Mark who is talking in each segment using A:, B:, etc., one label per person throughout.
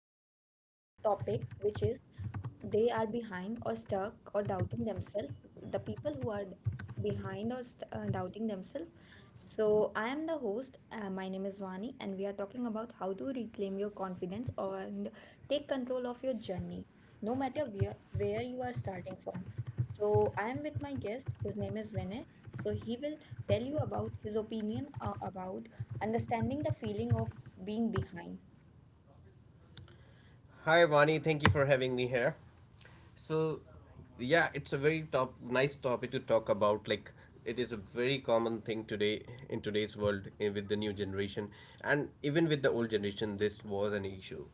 A: the topic which is they are behind or stuck or doubting themselves. The people who are behind or doubting themselves. So I am the host. My name is Vani, and we are talking about how to reclaim your confidence and take control of your journey no matter where you are starting from. So, I am with my guest. His name is Vinay. So, he will tell you about his opinion about understanding the feeling of being behind.
B: Hi, Vani. Thank you for having me here. So, yeah, it's a very nice topic to talk about. It is a very common thing today in today's world with the new generation, and even with the old generation, this was an issue.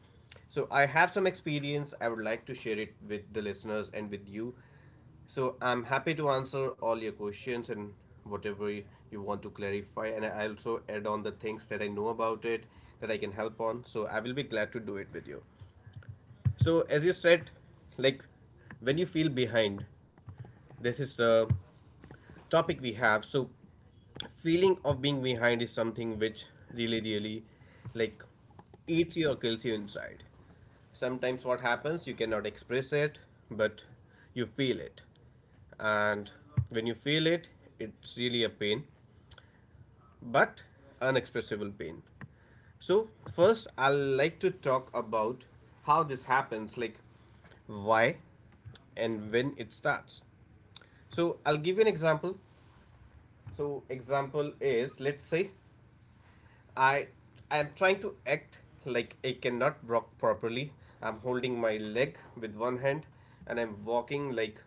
B: So, I have some experience. I would like to share it with the listeners and with you. So, I'm happy to answer all your questions and whatever y- you want to clarify. And I also add on the things that I know about it that I can help on. So, I will be glad to do it with you. So, as you said, like when you feel behind, this is the topic we have. So, feeling of being behind is something which really, really like eats you or kills you inside. Sometimes what happens, you cannot express it, but you feel it. And when you feel it, it's really a pain, but unexpressible pain. So, first, I'll like to talk about how this happens, like why and when it starts. So, I'll give you an example. So, example is let's say I I am trying to act like I cannot walk properly. I'm holding my leg with one hand and I'm walking like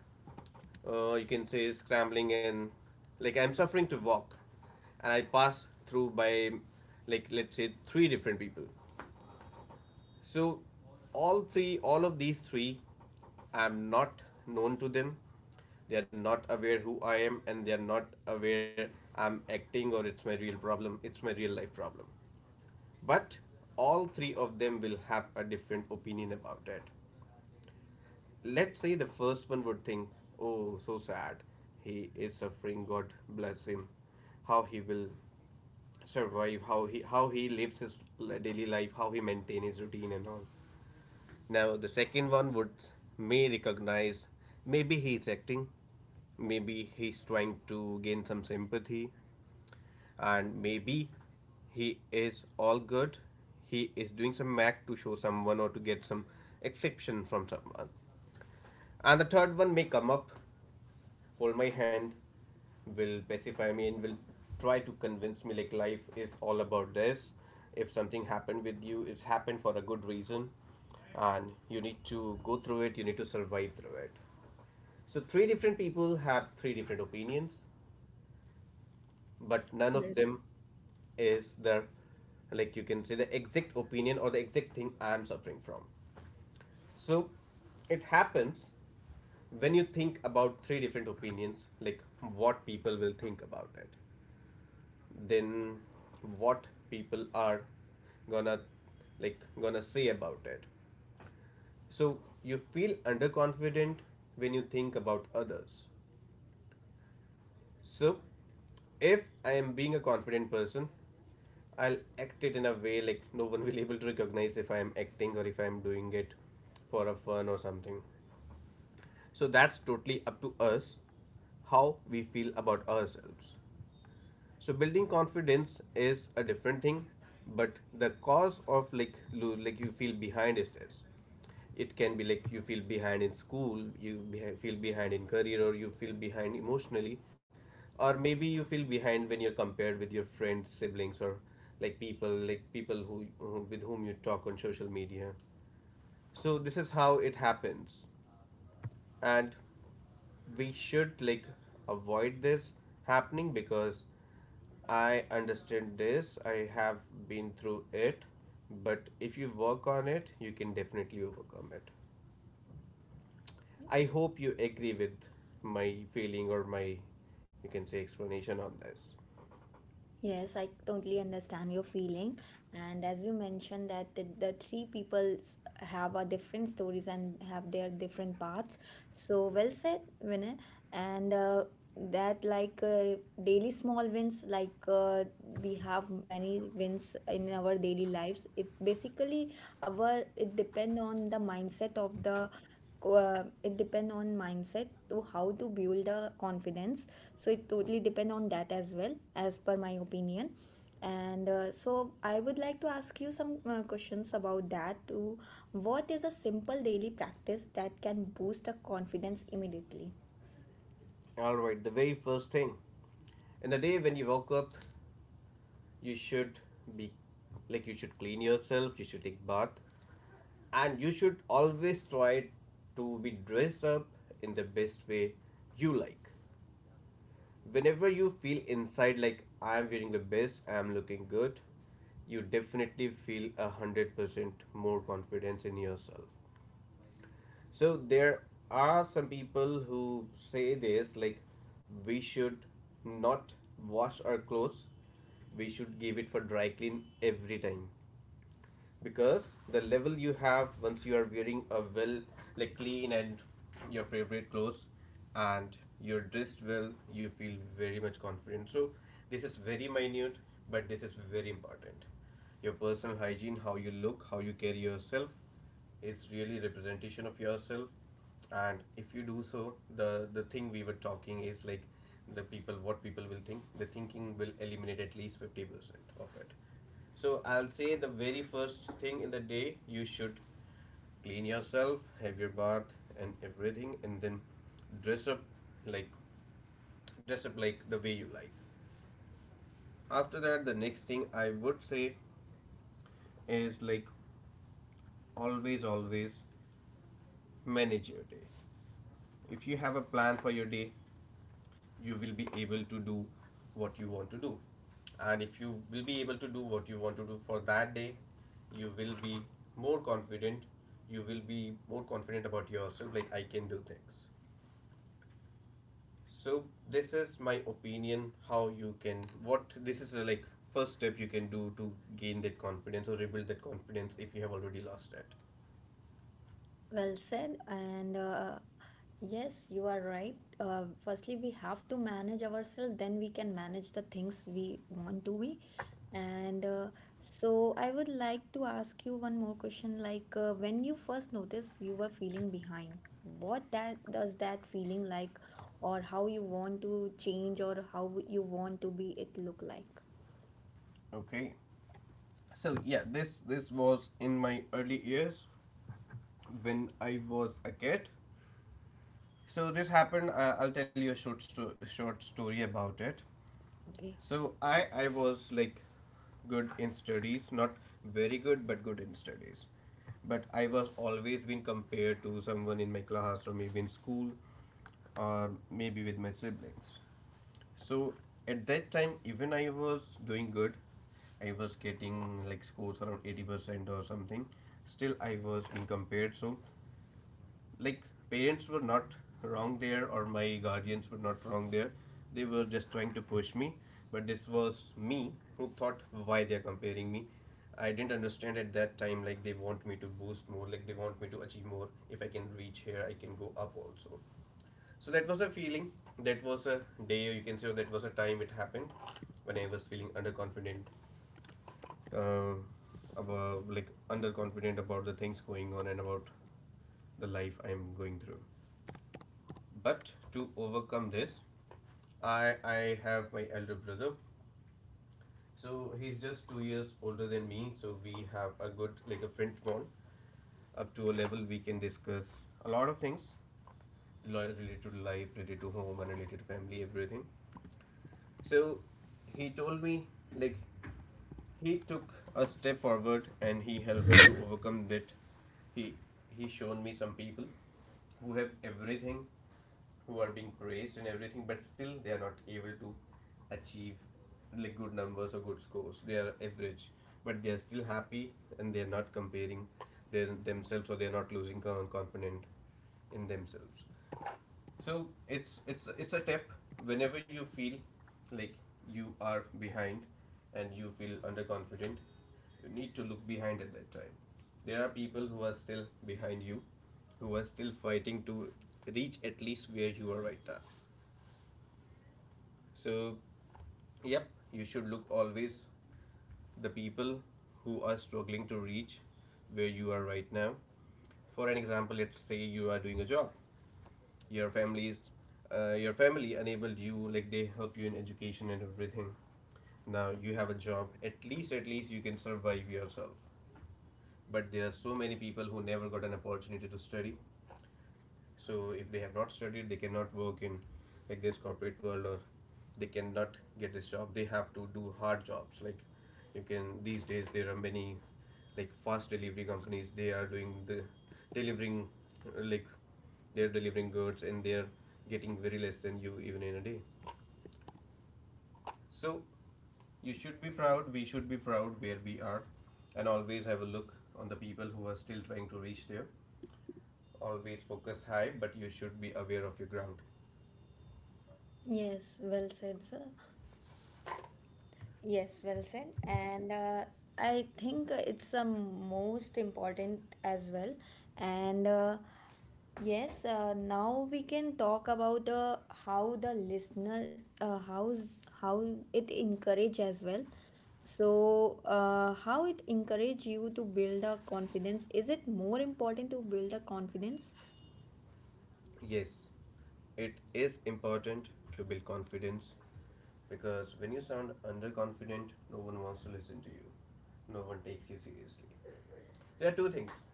B: you can say scrambling and like I'm suffering to walk and I pass through by like let's say three different people. So, all three, all of these three, I'm not known to them. They are not aware who I am, and they are not aware I'm acting or it's my real problem. It's my real life problem. But all three of them will have a different opinion about it. Let's say the first one would think, "Oh, so sad. He is suffering. God bless him. How he will survive. How he lives his daily life. How he maintain his routine and all." Now, the second one would may recognize maybe he is acting, maybe he is trying to gain some sympathy, and maybe he is all good. He is doing some act to show someone or to get some exception from someone. And the third one may come up hold my hand, will pacify me, and will try to convince me like life is all about this. If something happened with you, it's happened for a good reason, and you need to go through it, you need to survive through it. So, three different people have three different opinions, but none of them is the like you can say the exact opinion or the exact thing I am suffering from. So it happens when you think about three different opinions, like what people will think about it, then what people are gonna gonna say about it. So you feel underconfident when you think about others. So if I am being a confident person, I'll act it in a way like no one will be able to recognize if I am acting or if I am doing it for a fun or something. So that's totally up to us how we feel about ourselves. So building confidence is a different thing, but the cause of like you feel behind is this. It can be like you feel behind in school, you feel behind in career, or you feel behind emotionally, or maybe you feel behind when you're compared with your friends, siblings, or like people with whom you talk on social media. So this is how it happens and we should like avoid this happening because I understand this, I have been through it, but if you work on it, you can definitely overcome it. I hope you agree with my feeling or my you can say explanation on this.
A: Yes, I totally understand your feeling. And as you mentioned that the three peoples have a different stories and have their different paths. So well said, Vinay. And That daily small wins, we have many wins in our daily lives. It basically our it depend on the mindset of the it depends on mindset to how to build the confidence, so it totally depends on that as well as per my opinion. And So I would like to ask you some questions about that too. What is a simple daily practice that can boost the confidence immediately?
B: All right, the very first thing. In the day when you woke up, you should be like you should clean yourself, you should take bath, and you should always try to be dressed up in the best way you like. Whenever you feel inside like I am wearing the best, I am looking good, you definitely feel 100% more confidence in yourself. So there are some people who say this like we should not wash our clothes. We should give it for dry clean every time because the level you have once you are wearing a well like clean and your favorite clothes and you're dressed well, you feel very much confident. So this is very minute, but this is very important. Your personal hygiene, how you look, how you carry yourself is really representation of yourself. And if you do so, the thing we were talking is like the people, what people will think, the thinking will eliminate at least 50% of it. So I'll say the very first thing in the day you should clean yourself, have your bath and everything, and then dress up like dress up like the way you like. After that, the next thing I would say is like always, always manage your day. If you have a plan for your day, you will be able to do what you want to do. And if you will be able to do what you want to do for that day, you will be more confident. You will be more confident about yourself like I can do things. So this is my opinion how you can what this is like first step you can do to gain that confidence or rebuild that confidence if you have already lost it.
A: Well said, and yes, you are right. Firstly, we have to manage ourselves, then we can manage the things we want to be. And So, I would like to ask you one more question. Like, when you first noticed you were feeling behind, what that does that feeling like, or how you want to change, or how you want to be it look like?
B: Okay, so yeah, this was in my early years when I was a kid. So this happened. I'll tell you a short story about it.
A: Okay.
B: So I was like good in studies, not very good, but good in studies. But I was always been compared to someone in my class or maybe in school, or maybe with my siblings. So at that time, even I was doing good. I was getting like scores around 80% or something. Still, I was being compared. So like parents were not wrong there or my guardians were not wrong there. They were just trying to push me, but this was me who thought why they're comparing me. I didn't understand at that time like they want me to boost more, like they want me to achieve more. If I can reach here, I can go up also. So that was a feeling. That was a day or you can say that was a time it happened when I was feeling underconfident, uh, about underconfident about the things going on and about the life I'm going through. But to overcome this, I have my elder brother. So he's just 2 years older than me, so we have a good like a friend bond. Up to a level we can discuss a lot of things related to life, related to home, and related to family, everything. So he told me like he took a step forward and he helped me to overcome that. He he shown me some people who have everything, who are being praised and everything, but still they are not able to achieve like good numbers or good scores. They are average, but they are still happy and they are not comparing themselves, or they are not losing confidence in themselves. So it's a tip, whenever you feel like you are behind and you feel underconfident, you need to look behind at that time. There are people who are still behind you, who are still fighting to reach at least where you are right now. So, yep, you should look always the people who are struggling to reach where you are right now. For an example, let's say you are doing a job, your families your family enabled you like they help you in education and everything. Now you have a job. At least, at least you can survive yourself. But there are so many people who never got an opportunity to study. So if they have not studied, they cannot work in like this corporate world, or they cannot get this job. They have to do hard jobs. Like you can these days there are many like fast delivery companies. They are doing the delivering, like they're delivering goods and they're getting very less than you even in a day. So you should be proud, we should be proud where we are, and always have a look on the people who are still trying to reach there. Always focus high, but you should be aware of your ground.
A: Yes, well said, sir. Yes, well said. And I think it's the most important as well. And Yes, now we can talk about how the listener, how it encourage as well. So, how it encourage you to build a confidence? Is it more important to build a confidence?
B: Yes, it is important to build confidence because when you sound underconfident, no one wants to listen to you. No one takes you seriously. There are two things.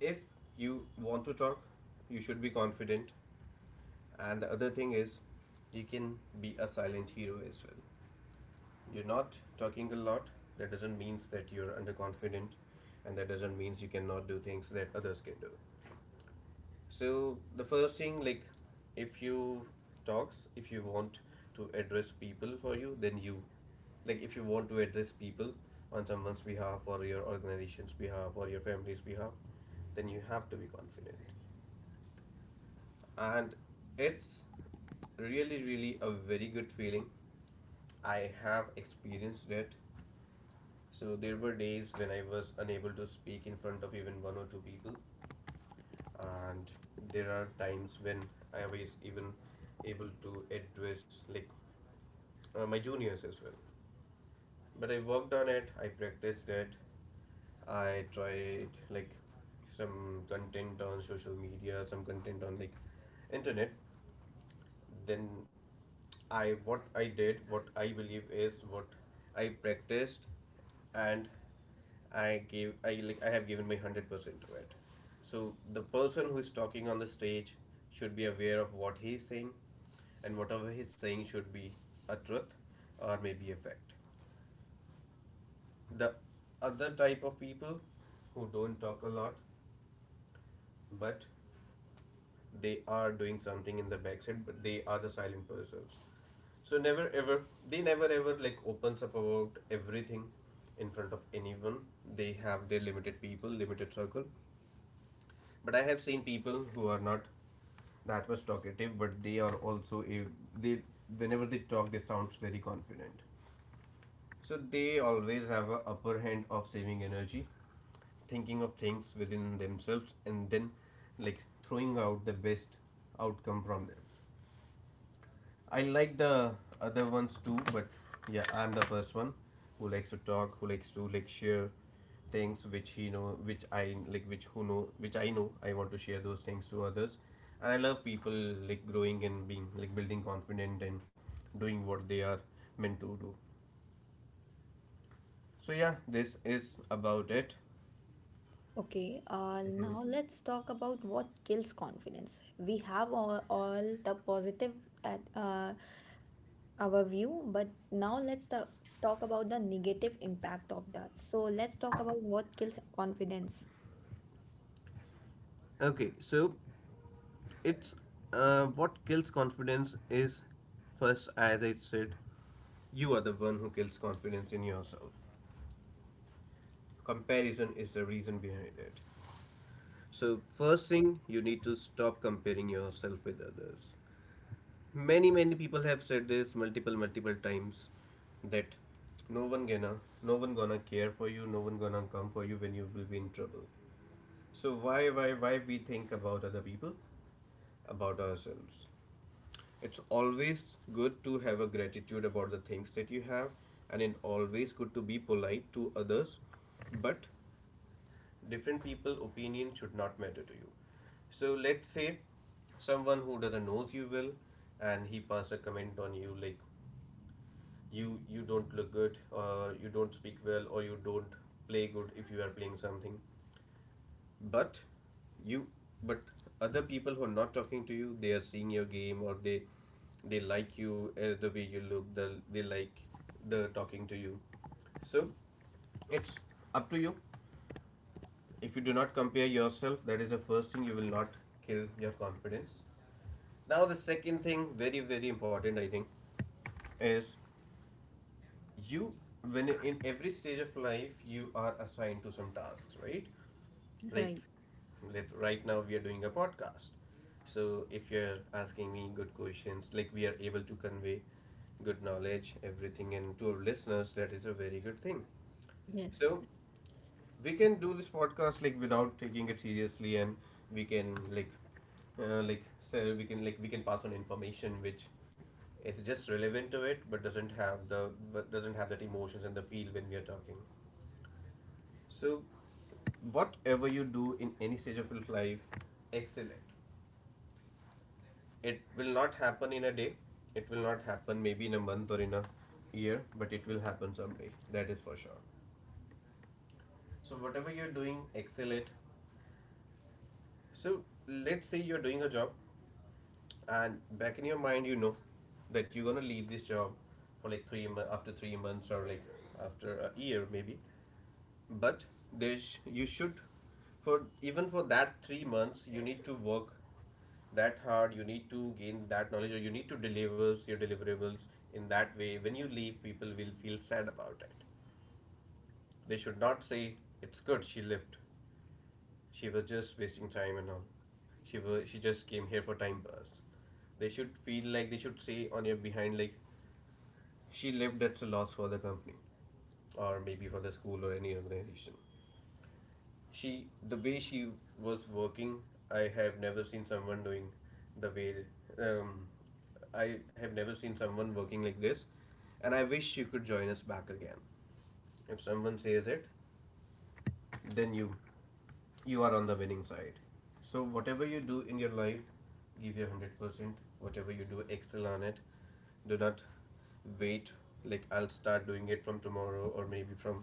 B: If you want to talk, you should be confident. And the other thing is, you can be a silent hero as well. You're not talking a lot. That doesn't mean that you're underconfident, and that doesn't mean you cannot do things that others can do. So the first thing, like, if you talks, if you want to address people for you, then you, like, if you want to address people on someone's behalf or your organization's behalf or your family's behalf, then you have to be confident. And it's really, really a very good feeling. I have experienced it. So there were days when I was unable to speak in front of even one or two people, and there are times when I was even able to address like my juniors as well. But I worked on it, I practiced it, I tried like some content on social media, some content on like internet. Then I what I did what I believe is what I practiced, and I gave I like I have given my 100% to it. So the person who is talking on the stage should be aware of what he is saying, and whatever he is saying should be a truth or maybe a fact. The other type of people who don't talk a lot but they are doing something in the backside, but they are the silent persons. So never ever, they never ever like opens up about everything in front of anyone. They have their limited people, limited circle. But I have seen people who are not that much talkative, but they are also they whenever they talk they sounds very confident. So they always have a upper hand of saving energy, thinking of things within themselves and then like throwing out the best outcome from them. I like the other ones too, but yeah, I'm the first one who likes to talk, who likes to like share things which he know, which I like, which who know, which I know. I want to share those things to others, and I love people like growing and being like building confident and doing what they are meant to do. So yeah, this is about it.
A: Okay, now let's talk about what kills confidence. We have all the positive at, uh, our view, but now talk about the negative impact of that. So let's talk about what kills confidence.
B: Okay, so it's what kills confidence is first, as I said, you are the one who kills confidence in yourself. Comparison is the reason behind it. So, first thing, you need to stop comparing yourself with others. Many, many people have said this multiple, multiple times that no one gonna, no one gonna care for you, no one gonna come for you when you will be in trouble. So, why we think about other people? About ourselves. It's always good to have a gratitude about the things that you have, and it's always good to be polite to others, but different people opinion should not matter to you. So let's say someone who doesn't knows you well and he pass a comment on you like you don't look good or you don't speak well or you don't play good if you are playing something. But you, but other people who are not talking to you, they are seeing your game, or they like you, the way you look, the, they like the talking to you. So it's up to you. If you do not compare yourself, that is the first thing, you will not kill your confidence. Now the second thing, very very important I think, is you, when in every stage of life you are assigned to some tasks, right? Like
A: Right.
B: let, right now we are doing a podcast. So if you're asking me good questions, like we are able to convey good knowledge, everything, and to our listeners, that is a very good thing. So
A: Yes.
B: we can do this podcast like without taking it seriously, and we can like, we can like we can pass on information which is just relevant to it but doesn't have that emotions and the feel when we are talking. So whatever you do in any stage of your life, excel it. It will not happen in a day. It will not happen maybe in a month or in a year, but it will happen someday, that is for sure. So whatever you're doing, excel it. So let's say you're doing a job, and back in your mind you know that you're gonna leave this job for like three after 3 months or like after a year maybe. But there's, you should, for even for that 3 months you need to work that hard, you need to gain that knowledge or you need to deliver your deliverables in that way. When you leave, people will feel sad about it. They should not say it's good she left, she was just wasting time and all. She just came here for time pass. They should feel like, they should say on your behind like, she left, that's a loss for the company, or maybe for the school or any organization. She The way she was working, I have never seen someone doing the way, um, I have never seen someone working like this, and I wish she could join us back again. If someone says it, then you are on the winning side. So whatever you do in your life, give your 100%. Whatever you do, excel on it. Do not wait like I'll start doing it from tomorrow or maybe from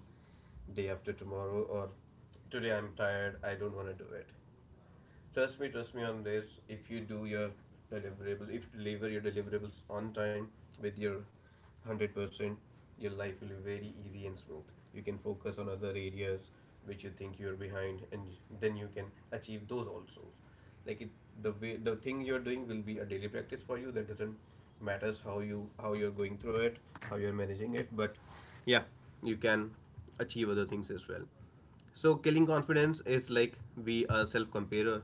B: day after tomorrow, or today I'm tired, I don't want to do it. Trust me on this. If you do your deliverables, if you deliver your deliverables on time with your 100%, your life will be very easy and smooth. You can focus on other areas which you think you're behind, and then you can achieve those also. Like it, the way the thing you're doing will be a daily practice for you. That doesn't matters how you're going through it, how you're managing it, but yeah, you can achieve other things as well. So killing confidence is like we are self comparer.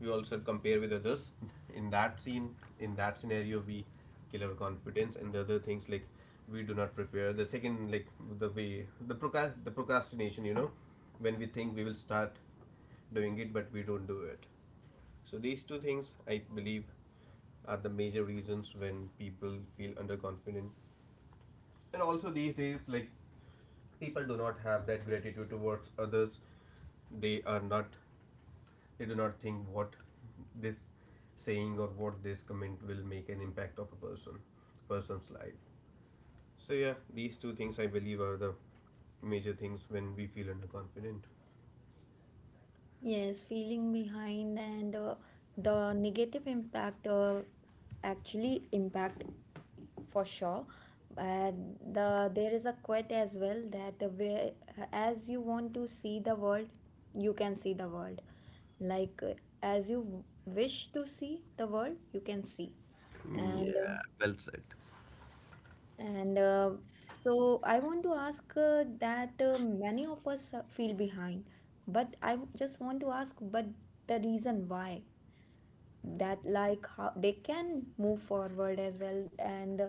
B: We also compare with others. In that scenario, we kill our confidence, and the other things like we do not prepare. The second, like the way, the procrastination. You know, when we think we will start doing it, but we don't do it. So these two things, I believe, are the major reasons when people feel underconfident. And also these days like people do not have that gratitude towards others. They are not, they do not think what this saying, or what this comment will make an impact of a person's life. So yeah, these two things I believe are the major things when we feel underconfident.
A: Yes, feeling behind and the negative impact actually impact for sure. And the there is a quote as well that the way as you want to see the world, you can see the world. Like uh, as you wish to see the world, you can see. And uh,
B: Yeah, well said.
A: And So I want to ask that many of us feel behind, but just want to ask, but the reason why that like how they can move forward as well, and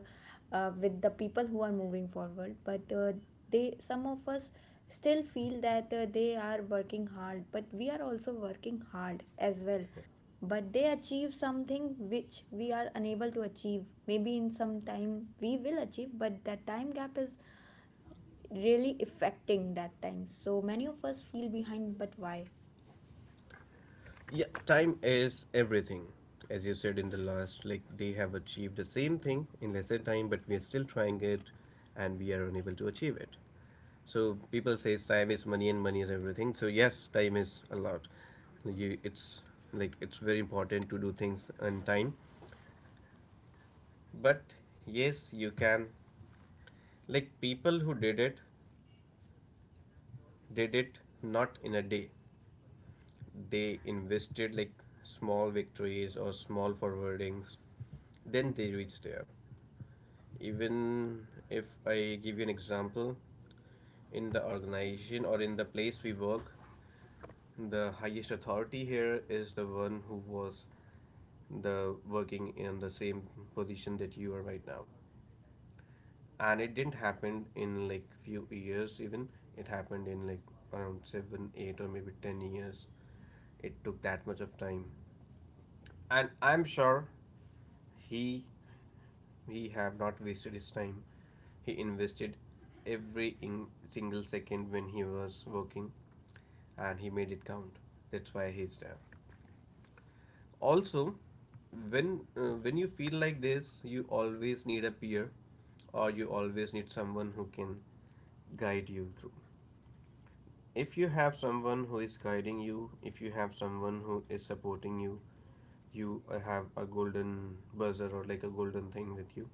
A: with the people who are moving forward, but they some of us still feel that they are working hard, but we are also working hard as well, but they achieve something which we are unable to achieve. Maybe in some time we will achieve, but that time gap is really affecting that time, so many of us feel behind, but why?
B: Yeah, time is everything. As you said in the last, like they have achieved the same thing in lesser time, but we are still trying it and we are unable to achieve it. So people say time is money and money is everything. So yes, time is a lot. You, it's like it's very important to do things on time. But yes, you can. Like people who did it not in a day. They invested like small victories or small forwardings, then they reach there. Even if I give you an example, in the organization or in the place we work, the highest authority here is the one who was the working in the same position that you are right now, and it didn't happen in like few years. Even it happened in like around 7 8 or maybe 10 years. It took that much of time, and I'm sure he he have not wasted his time. He invested every in single second when he was working, and he made it count. That's why he's there. Also, when you feel like this, you always need a peer, or you always need someone who can guide you through. If you have someone who is guiding you, if you have someone who is supporting you, you have a golden buzzer or like a golden thing with you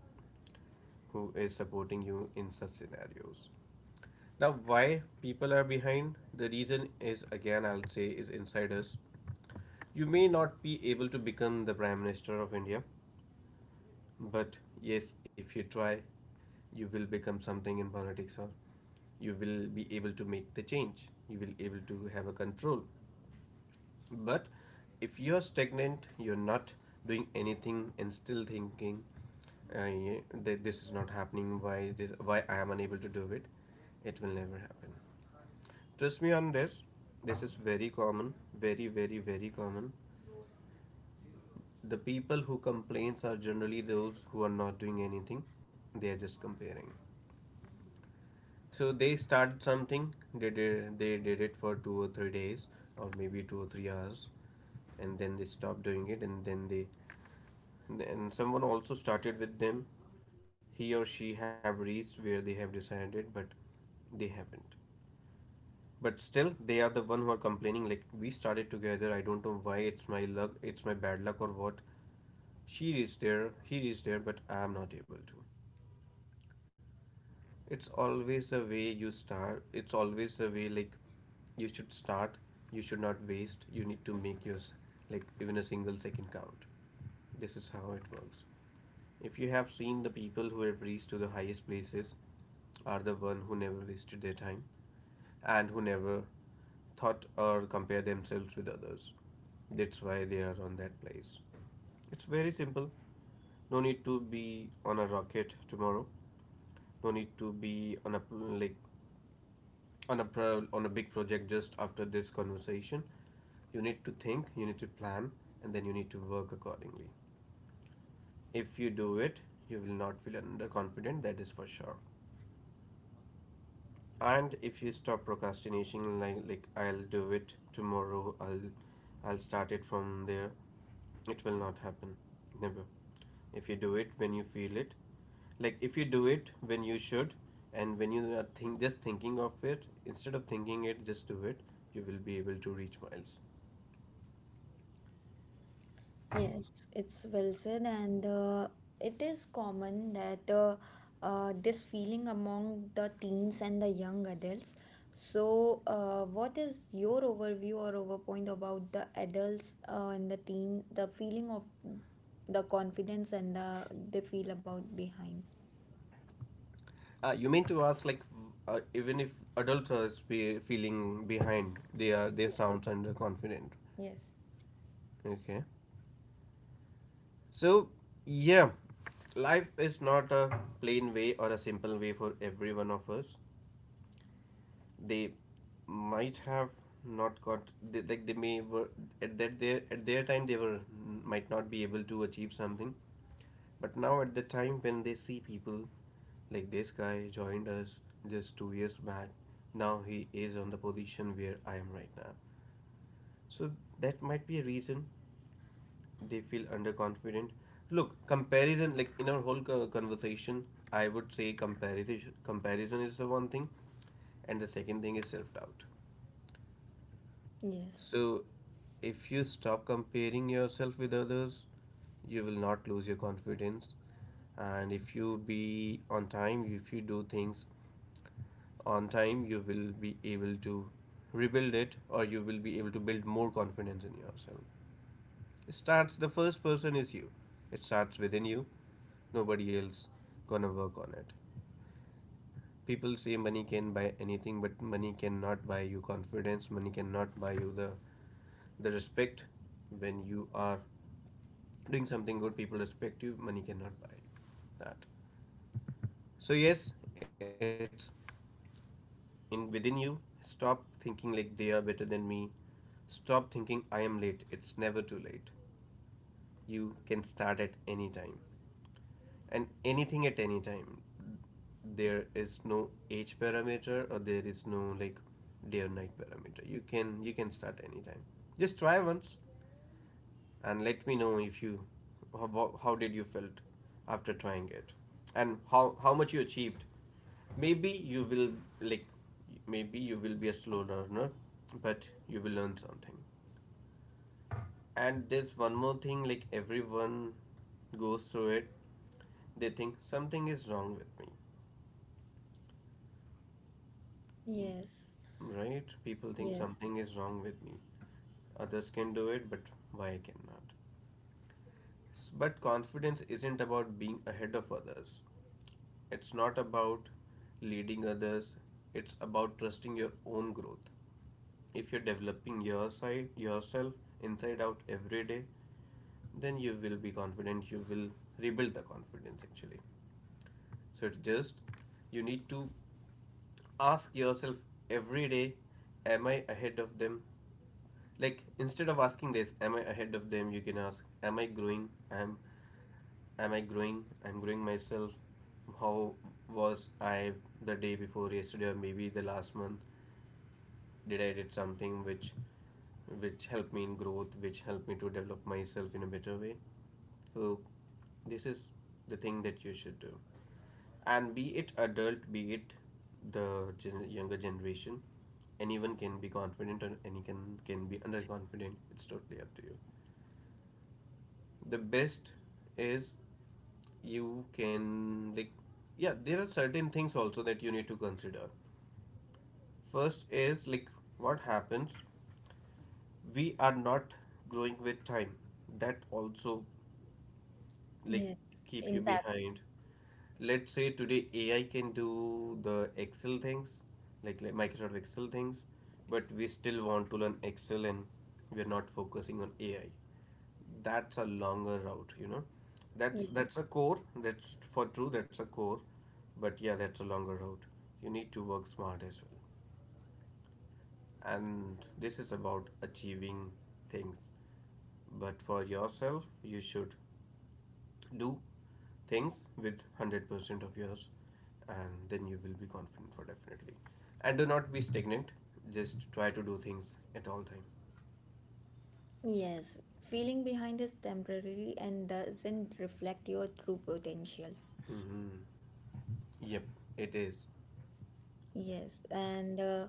B: who is supporting you in such scenarios. Now, why people are behind? The reason is again, I'll say, is inside us. You may not be able to become the Prime Minister of India, but yes, if you try, you will become something in politics, or you will be able to make the change. You will able to have a control. But if you are stagnant, you're not doing anything and still thinking, yeah, that this is not happening, why this, why I am unable to do it, it will never happen. Trust me on this. This is very common, very, very, very common. The people who complains are generally those who are not doing anything. They are just comparing. So they started something, they did it for 2 or 3 days or maybe 2 or 3 hours, and then they stopped doing it, and then they, and someone also started with them. He or she have reached where they have decided, but they haven't. But still, they are the one who are complaining, like we started together. I don't know why, it's my luck, it's my bad luck or what. She is there, he is there, but I am not able to. It's always the way you start. It's always the way, you should start. You should not waste. You need to make yours, like even a single second count. This is how it works. If you have seen, the people who have reached to the highest places are the one who never wasted their time, and who never thought or compare themselves with others. That's why they are on that place. It's very simple. No need to be on a rocket tomorrow. No need to be on a, like on a on a big project just after this conversation. You need to think, you need to plan, and then you need to work accordingly. If you do it, you will not feel underconfident, that is for sure. And if you stop procrastinating, like I'll do it tomorrow, I'll start it from there, it will not happen. Never. If you do it when you feel it, like if you do it when you should, and when you are think just thinking of it, instead of thinking it, just do it, you will be able to reach miles.
A: Yes, it's well said, and it is common that this feeling among the teens and the young adults. So, what is your overview or overpoint about the adults and the teen, the feeling of the confidence and the they feel about behind?
B: You mean to ask, like, even if adults are feeling behind, they are, they sound under confident.
A: Yes,
B: Okay, so yeah, life is not a plain way or a simple way for every one of us. They might have not got they, like they may were at that their at their time, they were might not be able to achieve something. But now, at the time when they see people, like this guy joined us just 2 years back, now he is on the position where I am right now. So that might be a reason they feel underconfident. Look, comparison, like in our whole conversation, I would say comparison is the one thing, and the second thing is self doubt.
A: yes,
B: So, if you stop comparing yourself with others, you will not lose your confidence. And if you be on time, if you do things on time, you will be able to rebuild it, or you will be able to build more confidence in yourself. It starts, the first person is you, it starts within you. Nobody else gonna work on it. People say money can buy anything, but money cannot buy you confidence. Money cannot buy you the respect when you are doing something good. People respect you. Money cannot buy that. So yes, it's in within you. Stop thinking like they are better than me. Stop thinking I am late. It's never too late. You can start at any time, and anything at any time. There is no age parameter, or there is no like day or night parameter. You can start anytime. Just try once and let me know if you, how did you felt after trying it, and how much you achieved. Maybe you will, like, maybe you will be a slow learner, but you will learn something. And there's one more thing, like everyone goes through it. They think something is wrong with me,
A: yes,
B: right? People think
A: yes,
B: something is wrong with me. Others can do it, but why I cannot? But confidence isn't about being ahead of others. It's not about leading others. It's about trusting your own growth. If you're developing your side, yourself inside out every day, then you will be confident. You will rebuild the confidence actually. So it's just, you need to ask yourself every day, am I ahead of them? Like, instead of asking this, am I ahead of them? You can ask, am I growing? Am I growing? I'm growing myself. How was I the day before yesterday, or maybe the last month? Did I did something which helped me in growth, which helped me to develop myself in a better way. So this is the thing that you should do. And be it adult, be it the younger generation, anyone can be confident, or anyone can be underconfident. It's totally up to you. The best is, you can, like, yeah, there are certain things also that you need to consider. First is, like, what happens, we are not growing with time, that also, like,
A: yes.
B: keep you
A: Impact.
B: behind. Let's say today AI can do the Excel things, like Microsoft Excel things, but we still want to learn Excel, and we're not focusing on AI. That's a longer route, you know. that's
A: Yes.
B: that's a core. That's for true, that's a core, but yeah, that's a longer route. You need to work smart as well, and this is about achieving things. But for yourself, you should do things with 100% of yours, and then you will be confident for definitely. And do not be stagnant, just try to do things at all time.
A: Yes, feeling behind is temporary and doesn't reflect your true potential.
B: Hmm. Yep, it is.
A: Yes, and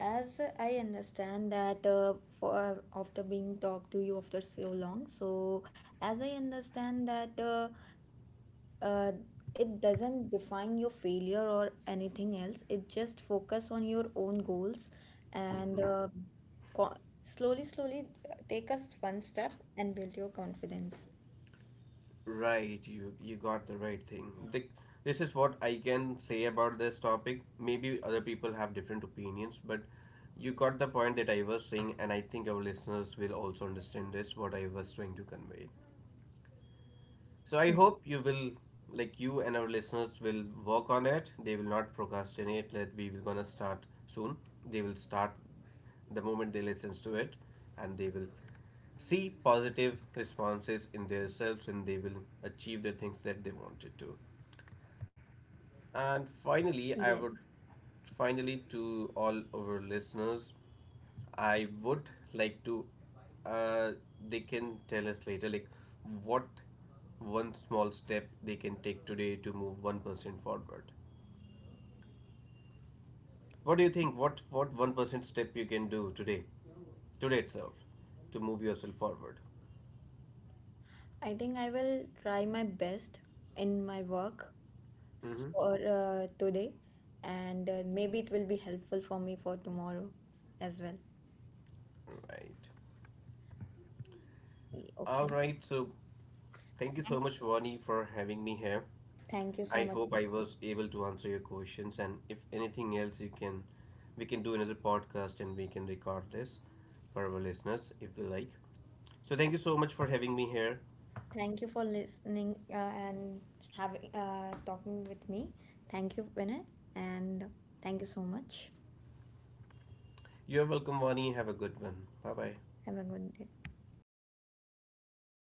A: as I understand that for after being talked to you after so long, so as I understand that uh, it doesn't define your failure or anything else. It just focus on your own goals, and
B: Mhm.
A: co- slowly, slowly take us one step and build your confidence.
B: Right, you got the right thing. The, this is what I can say about this topic. Maybe other people have different opinions, but you got the point that I was saying, and I think our listeners will also understand this, what I was trying to convey. So I
A: Mm.
B: hope you will, like you and our listeners, will work on it. They will not procrastinate. That we will gonna start soon. They will start the moment they listens to it, and they will see positive responses in themselves, and they will achieve the things that they wanted to. And
A: Yes.
B: finally, I would, finally, to all our listeners, I would like to, uh, they can tell us later, like what one small step they can take today to move 1% forward. What do you think? What 1% step you can do today, today itself, to move yourself forward?
A: I think I will try my best in my work
B: Mm-hmm.
A: for today, and maybe it will be helpful for me for tomorrow as well.
B: Right. All
A: Okay.
B: right, so thank you so
A: Thanks.
B: much, Vani, for having me here.
A: Thank you so
B: I
A: much.
B: hope I was able to answer your questions, and if anything else, you can, we can do another podcast, and we can record this for our listeners if they like. So thank you so much for having me here.
A: Thank you for listening and having talking with me. Thank you, Vinay, and thank you so much.
B: You're welcome, Vani. Have a good one. Bye bye.
A: Have a good day.